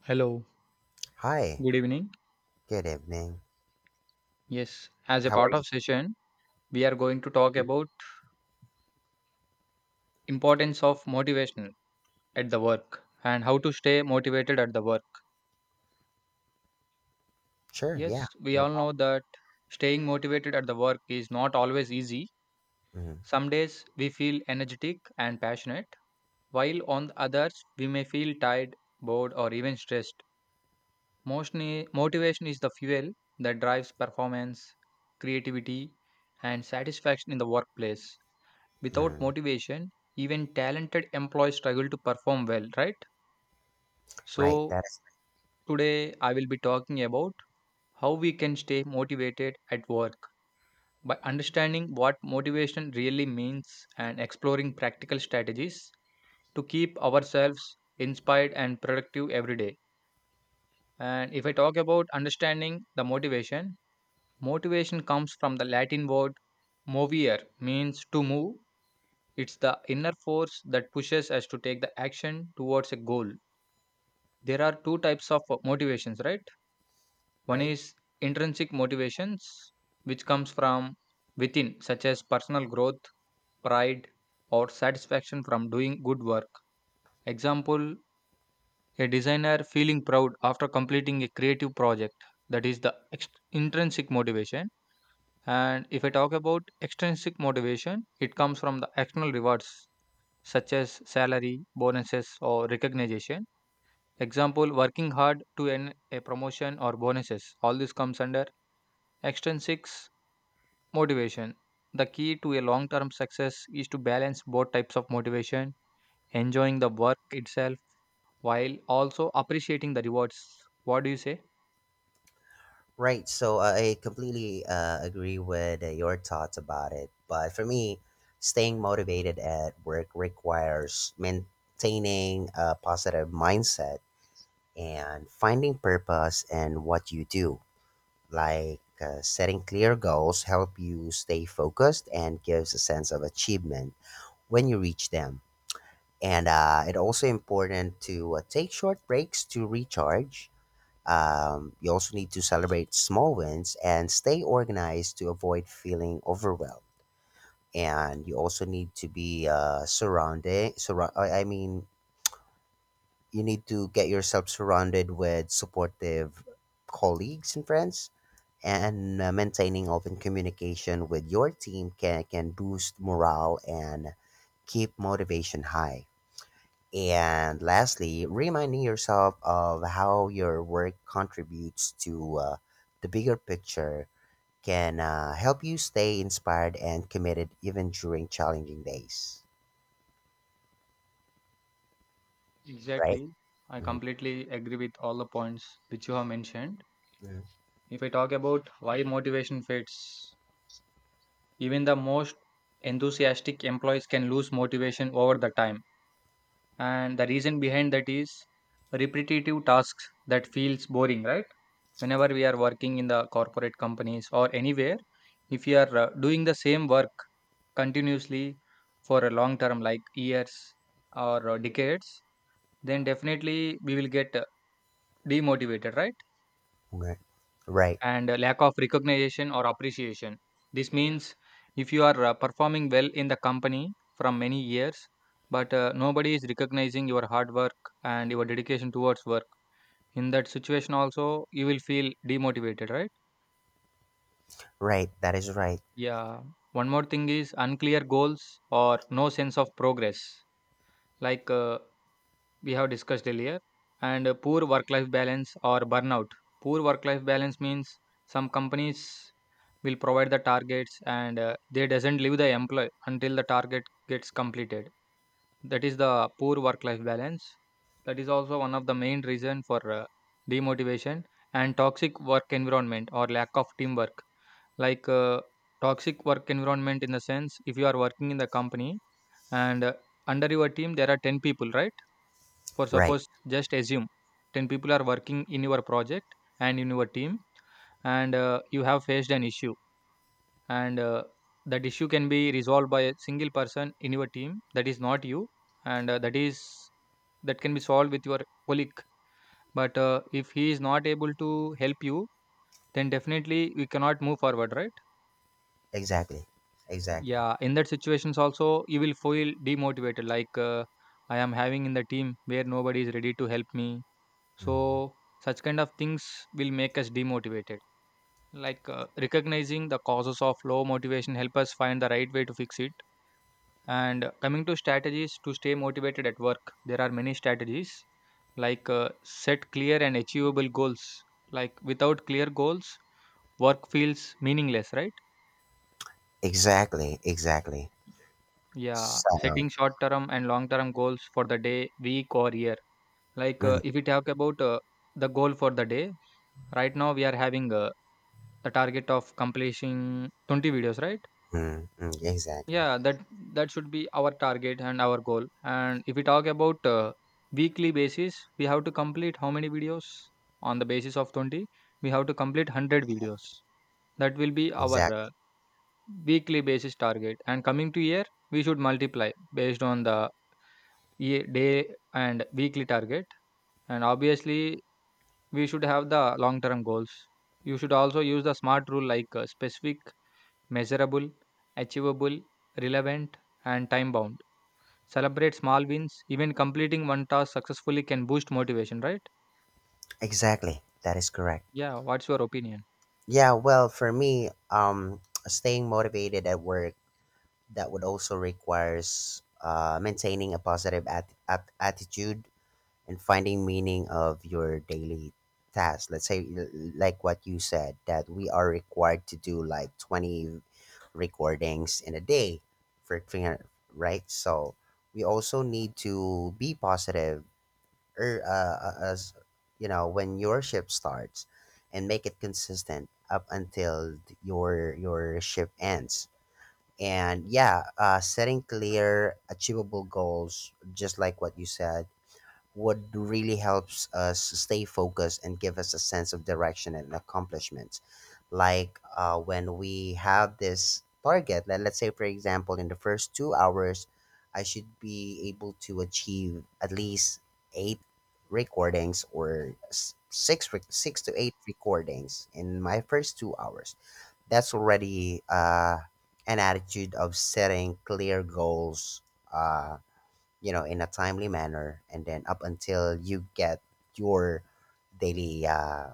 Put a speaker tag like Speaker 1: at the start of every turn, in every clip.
Speaker 1: Hello,
Speaker 2: Hi,
Speaker 1: good evening.
Speaker 2: good evening.
Speaker 1: Yes, as a
Speaker 2: How are
Speaker 1: part
Speaker 2: you?
Speaker 1: of session, we are going to talk about importance of motivational at the work and how to stay motivated at the work.
Speaker 2: Sure, yeah,
Speaker 1: Yes, we
Speaker 2: no
Speaker 1: all know that staying motivated at the work is not always easy.
Speaker 2: problem.
Speaker 1: Some days we feel energetic and passionate, while on the others we may feel tired, bored or even stressed. Mostly motivation is the fuel that drives performance, creativity and satisfaction in the workplace.
Speaker 2: Mm,
Speaker 1: Without
Speaker 2: mm.
Speaker 1: motivation, even talented employees struggle to perform well, right?
Speaker 2: Right,
Speaker 1: So,
Speaker 2: that is
Speaker 1: today I will be talking about how we can stay motivated at work by understanding what motivation really means and exploring practical strategies to keep ourselves inspired and productive every day. And if I talk about understanding the motivation, motivation comes from the Latin word movere means to move. It's the inner force that pushes us to take the action towards a goal. There are two types of motivations, right?
Speaker 2: right.
Speaker 1: One is intrinsic motivations, which comes from within, such as personal growth, pride, or satisfaction from doing good work. Example, a designer feeling proud after completing a creative project. That is the intrinsic motivation. And if I talk about extrinsic motivation, it comes from the external rewards such as salary, bonuses, or recognition. Example, working hard to earn a promotion or bonuses. All this comes under extrinsic motivation. The key to a long term success is to balance both types of motivation, enjoying the work itself while also appreciating the rewards. What do you say?
Speaker 2: I completely agree with your thoughts about it. But for me, staying motivated at work requires maintaining a positive mindset and finding purpose in what you do. Like setting clear goals help you stay focused and gives a sense of achievement when you reach them, and it also important to take short breaks to recharge. You also need to celebrate small wins and stay organized to avoid feeling overwhelmed, and you also need to be surrounded surra- I mean you need to get yourself surrounded with supportive colleagues and friends, and maintaining open communication with your team can boost morale and keep motivation high. And lastly, reminding yourself of how your work contributes to the bigger picture can help you stay inspired and committed even during challenging days, right?
Speaker 1: Exactly. I
Speaker 2: Mhm.
Speaker 1: completely agree with all the points which you have mentioned.
Speaker 2: Mhm.
Speaker 1: If I talk about why motivation fades, even the most enthusiastic employees can lose motivation over the time. And the reason behind that is repetitive tasks that feels boring, right? Whenever we are working in the corporate companies or anywhere, if you are doing the same work continuously for a long term, like years or decades, then definitely we will get demotivated, right?
Speaker 2: Right. Right.
Speaker 1: And lack of recognition or appreciation. This means if you are performing well in the company from many years, but nobody is recognizing your hard work and your dedication towards work. In that situation, also, you will feel demotivated, right?
Speaker 2: Right. That is right.
Speaker 1: Yeah. One more thing is unclear goals or no sense of progress, like we have discussed earlier, and poor work life balance or burnout. Poor work life balance means some companies will provide the targets and they doesn't leave the employee until the target gets completed. That is the poor work life balance. That is also one of the main reason for demotivation and toxic work environment or lack of teamwork. Like toxic work environment in the sense if you are working in the company and under your team there are 10 people, right? For
Speaker 2: Right.
Speaker 1: suppose just assume 10 people are working in your project and in your team and you have faced an issue and that issue can be resolved by a single person in your team that is not you and that is that can be solved with your colleague, but if he is not able to help you, then definitely we cannot move forward, right?
Speaker 2: Exactly. Exactly.
Speaker 1: Yeah, in that situations also you will feel demotivated, like I am having in the team where nobody is ready to help me. So
Speaker 2: Mhm.
Speaker 1: such kind of things will make us demotivated, like recognizing the causes of low motivation help us find the right way to fix it. And coming to strategies to stay motivated at work, there are many strategies like set clear and achievable goals. Like without clear goals, work feels meaningless, right?
Speaker 2: Exactly. Exactly.
Speaker 1: Yeah, setting
Speaker 2: So,
Speaker 1: short term and long term goals for the day, week, or year. Like
Speaker 2: mhm.
Speaker 1: if we talk about the goal for the day, right now we are having the target of completing 20 videos, right?
Speaker 2: Mhm. Exactly.
Speaker 1: Yeah, that should be our target and our goal, and if we talk about weekly basis, we have to complete how many videos. On the basis of 20, we have to complete 100 videos. That will be our
Speaker 2: Exactly.
Speaker 1: weekly basis target, and coming to year, we should multiply based on the day and weekly target, and obviously we should have the long term goals. You should also use the smart rule, like specific, measurable, achievable, relevant, and time bound. Celebrate small wins. Even completing one task successfully can boost motivation, right?
Speaker 2: Exactly. That is correct.
Speaker 1: Yeah, what's your opinion?
Speaker 2: Yeah, well, for me, staying motivated at work, that would also requires maintaining a positive attitude and finding meaning of your daily task. Like what you said, that we are required to do like 20 recordings in a day for 300, right? So we also need to be positive as you know when your shift starts and make it consistent up until your shift ends. And yeah, setting clear achievable goals, just like what you said, what really helps us stay focused and give us a sense of direction and accomplishment. Like when we have this target, let's say, for example, in the first 2 hours, I should be able to achieve at least eight recordings, or six to eight recordings in my first 2 hours. That's already an attitude of setting clear goals. Uh, you know, in a timely manner, and then up until you get your daily uh,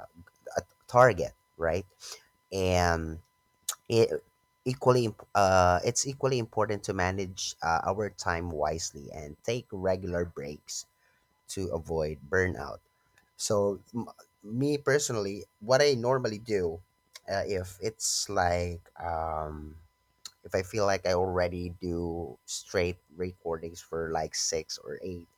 Speaker 2: a- target, right? And it it's equally important to manage our time wisely and take regular breaks to avoid burnout. so m- Me personally, what I normally do, if it's like, if I feel like I already do straight recordings for like six or eight,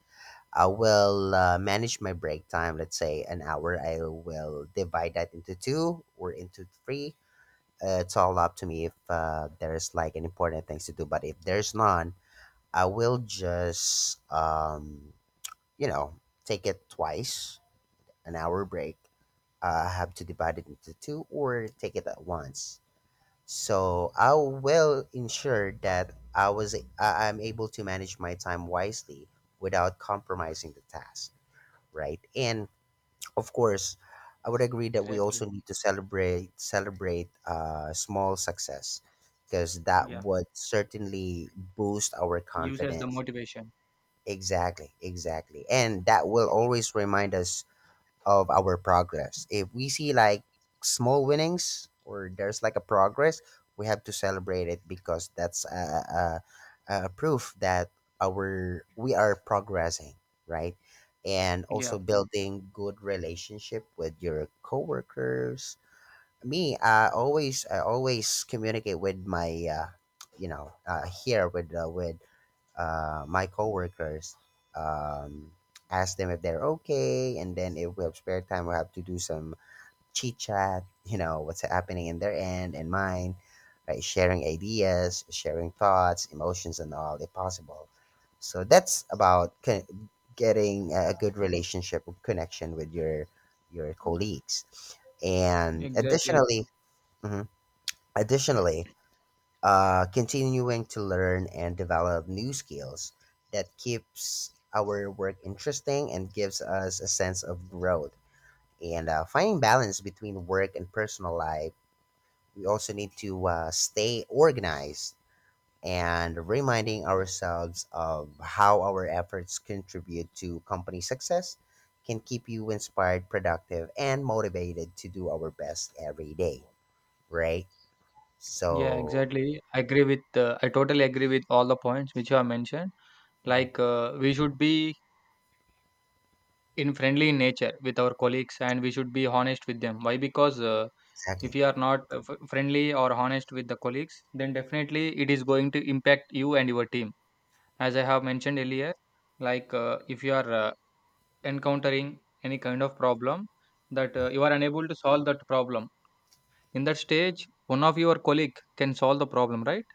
Speaker 2: I will manage my break time. Let's say an hour. I will divide that into two or into three. It's all up to me if there's like an important things to do. But if there's none, I will just take it twice an hour break. I have to divide it into two or take it at once. So I will ensure that I'm able to manage my time wisely without compromising the task, right? And of course, I would agree that we also
Speaker 1: Exactly.
Speaker 2: need to celebrate small success, because that
Speaker 1: Yeah.
Speaker 2: would certainly boost our
Speaker 1: Use as the
Speaker 2: confidence.
Speaker 1: motivation.
Speaker 2: Exactly, exactly, and that will always remind us of our progress. If we see like small winnings or there's like a progress, we have to celebrate it, because that's a proof that our we are progressing, right? And
Speaker 1: Yeah.
Speaker 2: also building good relationship with your coworkers. Me, I always communicate with my here with my coworkers, um, ask them if they're okay, and then if we have spare time, we have to do some chit chat. You know what's happening in their end and mine, right? Sharing ideas, sharing thoughts, emotions, and all if possible. So that's about getting a good relationship or connection with your colleagues, and
Speaker 1: Exactly.
Speaker 2: additionally, mhm, additionally continuing to learn and develop new skills that keeps our work interesting and gives us a sense of growth, and finding balance between work and personal life, we also need to stay organized and reminding ourselves of how our efforts contribute to company success can keep you inspired, productive, and motivated to do our best every day, right?
Speaker 1: Yeah,
Speaker 2: So
Speaker 1: exactly. I agree with, I totally agree with all the points which you have mentioned.
Speaker 2: mhm.
Speaker 1: Like, we should be in friendly in nature with our colleagues and we should be honest with them. Why? Because if
Speaker 2: Exactly.
Speaker 1: you are not f friendly or honest with the colleagues, then definitely it is going to impact you and your team. As I have mentioned earlier, like, if you are encountering any kind of problem that
Speaker 2: Mm-hmm.
Speaker 1: you are unable to solve that problem, in that stage one of your colleague can solve the problem, right?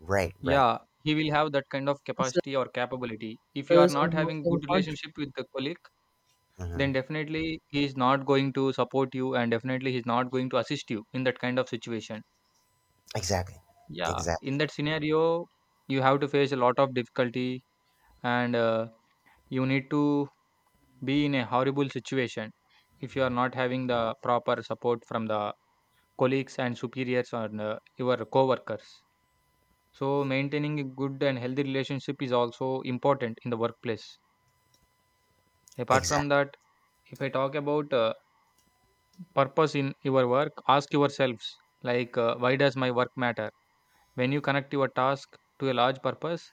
Speaker 2: Right, right.
Speaker 1: Yeah, he will have that kind of
Speaker 2: And
Speaker 1: capacity or capability. If you are
Speaker 2: servers
Speaker 1: not
Speaker 2: on
Speaker 1: having
Speaker 2: Muslim
Speaker 1: good
Speaker 2: countries.
Speaker 1: relationship with the colleague,
Speaker 2: Incontrovertible.
Speaker 1: then definitely he is not going to support you, and definitely he is not going to assist you in that kind of situation.
Speaker 2: Hmm. Exactly.
Speaker 1: Yeah,
Speaker 2: Exactly.
Speaker 1: in that scenario you have to face a lot of difficulty, and you need to be in a horrible situation if you are not having the proper support from the colleagues and superiors or your co-workers. So maintaining a good and healthy relationship is also important in the workplace. Apart from
Speaker 2: Exactly.
Speaker 1: that, if I talk about purpose in your work, ask yourselves like why does my work matter? When you connect your task to a large purpose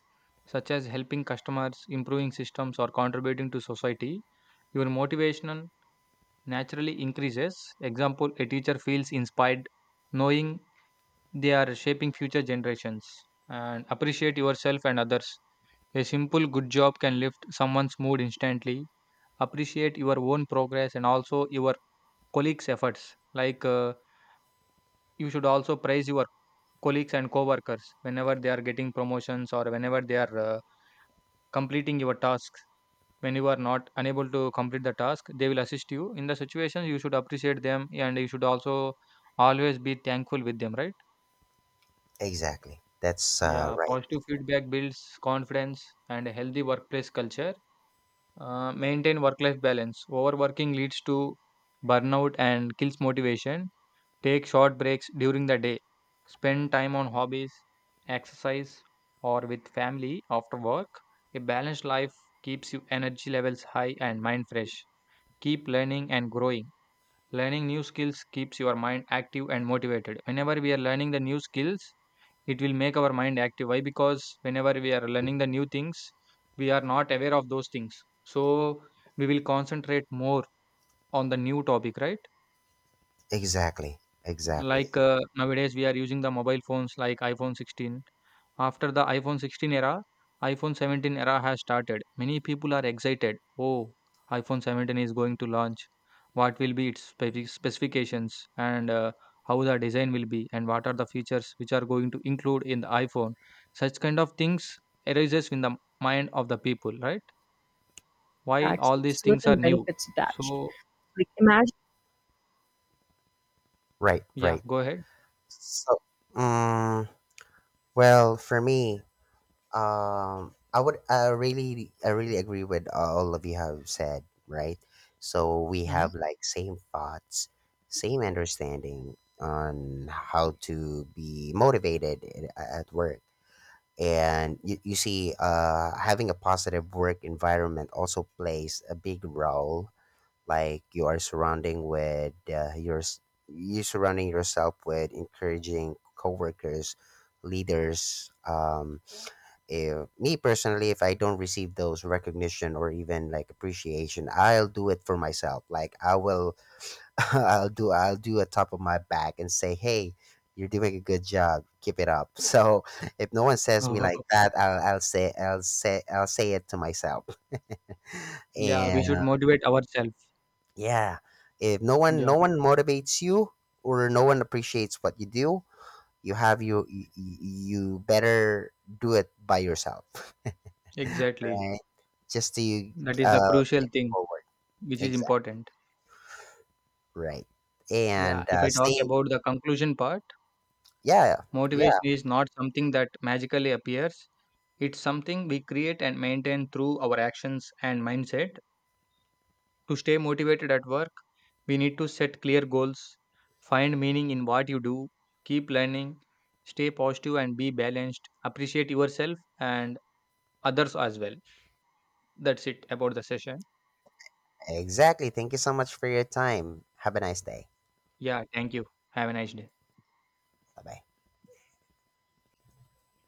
Speaker 1: such as helping customers, improving systems, or contributing to society, your motivational naturally increases. Example, a teacher feels inspired knowing they are shaping future generations. And appreciate yourself and others. A simple good job can lift someone's mood instantly. Appreciate your own progress and also your colleagues' efforts. Like you should also praise your colleagues and co-workers whenever they are getting promotions or whenever they are completing your task. When you are not unable to complete the task, they will assist you in the situation. You should appreciate them and you should also always be thankful with them, right?
Speaker 2: Exactly. That's
Speaker 1: Yeah,
Speaker 2: right.
Speaker 1: positive feedback builds confidence and a healthy workplace culture. Maintain work life balance. Overworking leads to burnout and kills motivation. Take short breaks during the day. Spend time on hobbies, exercise, or with family after work. A balanced life keeps your energy levels high and mind fresh. Keep learning and growing. Learning new skills keeps your mind active and motivated. Whenever we are learning the new skills, it will make our mind active. Why? Because whenever we are learning the new things, we are not aware of those things. So we will concentrate more on the new topic, right?
Speaker 2: Exactly. Exactly.
Speaker 1: Like, nowadays we are using the mobile phones like iPhone 16. After the iPhone 16 era, iPhone 17 era has started. Many people are excited. Oh, iPhone 17 is going to launch. What will be its specifications and how the design will be, and what are the features which are going to include in the iPhone? Such kind of things arises in the mind of the people, right? Why
Speaker 2: That's
Speaker 1: all
Speaker 2: with
Speaker 1: these things are
Speaker 2: certain
Speaker 1: new?
Speaker 2: benefits attached.
Speaker 1: So
Speaker 2: Like imagine. Right,
Speaker 1: yeah,
Speaker 2: right.
Speaker 1: go ahead.
Speaker 2: So, um, well, for me, I would, I really agree with all of you have said, right? So we
Speaker 1: Hmm.
Speaker 2: have like same thoughts, same understanding on how to be motivated at work. And you see, having a positive work environment also plays a big role, like you are surrounding with you surrounding yourself with encouraging coworkers, leaders. If, me personally, if I don't receive those recognition or even like appreciation, I'll do it for myself. Like I will, I'll do a top of my back and say, "Hey, you're doing a good job. Keep it up." So if no one says me like that, I'll say it to myself.
Speaker 1: Yeah, we should
Speaker 2: And
Speaker 1: motivate ourselves.
Speaker 2: yeah, if
Speaker 1: Yeah.
Speaker 2: no one motivates you or no one appreciates what you do, you have you, you, you better do it by yourself.
Speaker 1: Exactly.
Speaker 2: Right? Just to
Speaker 1: That is the
Speaker 2: uh
Speaker 1: crucial thing
Speaker 2: forward,
Speaker 1: which is
Speaker 2: exact,
Speaker 1: important.
Speaker 2: right?
Speaker 1: Yeah,
Speaker 2: And
Speaker 1: if I talk about the conclusion part,
Speaker 2: yeah,
Speaker 1: motivation
Speaker 2: yeah,
Speaker 1: is not something that magically appears. It's something we create and maintain through our actions and mindset. To stay motivated at work, we need to set clear goals, find meaning in what you do, keep learning, stay positive and be balanced, appreciate yourself and others as well. That's it about the session.
Speaker 2: exactly. Thank you so much for your time. Have a nice day.
Speaker 1: Yeah, thank you. Have a nice day.
Speaker 2: Bye bye.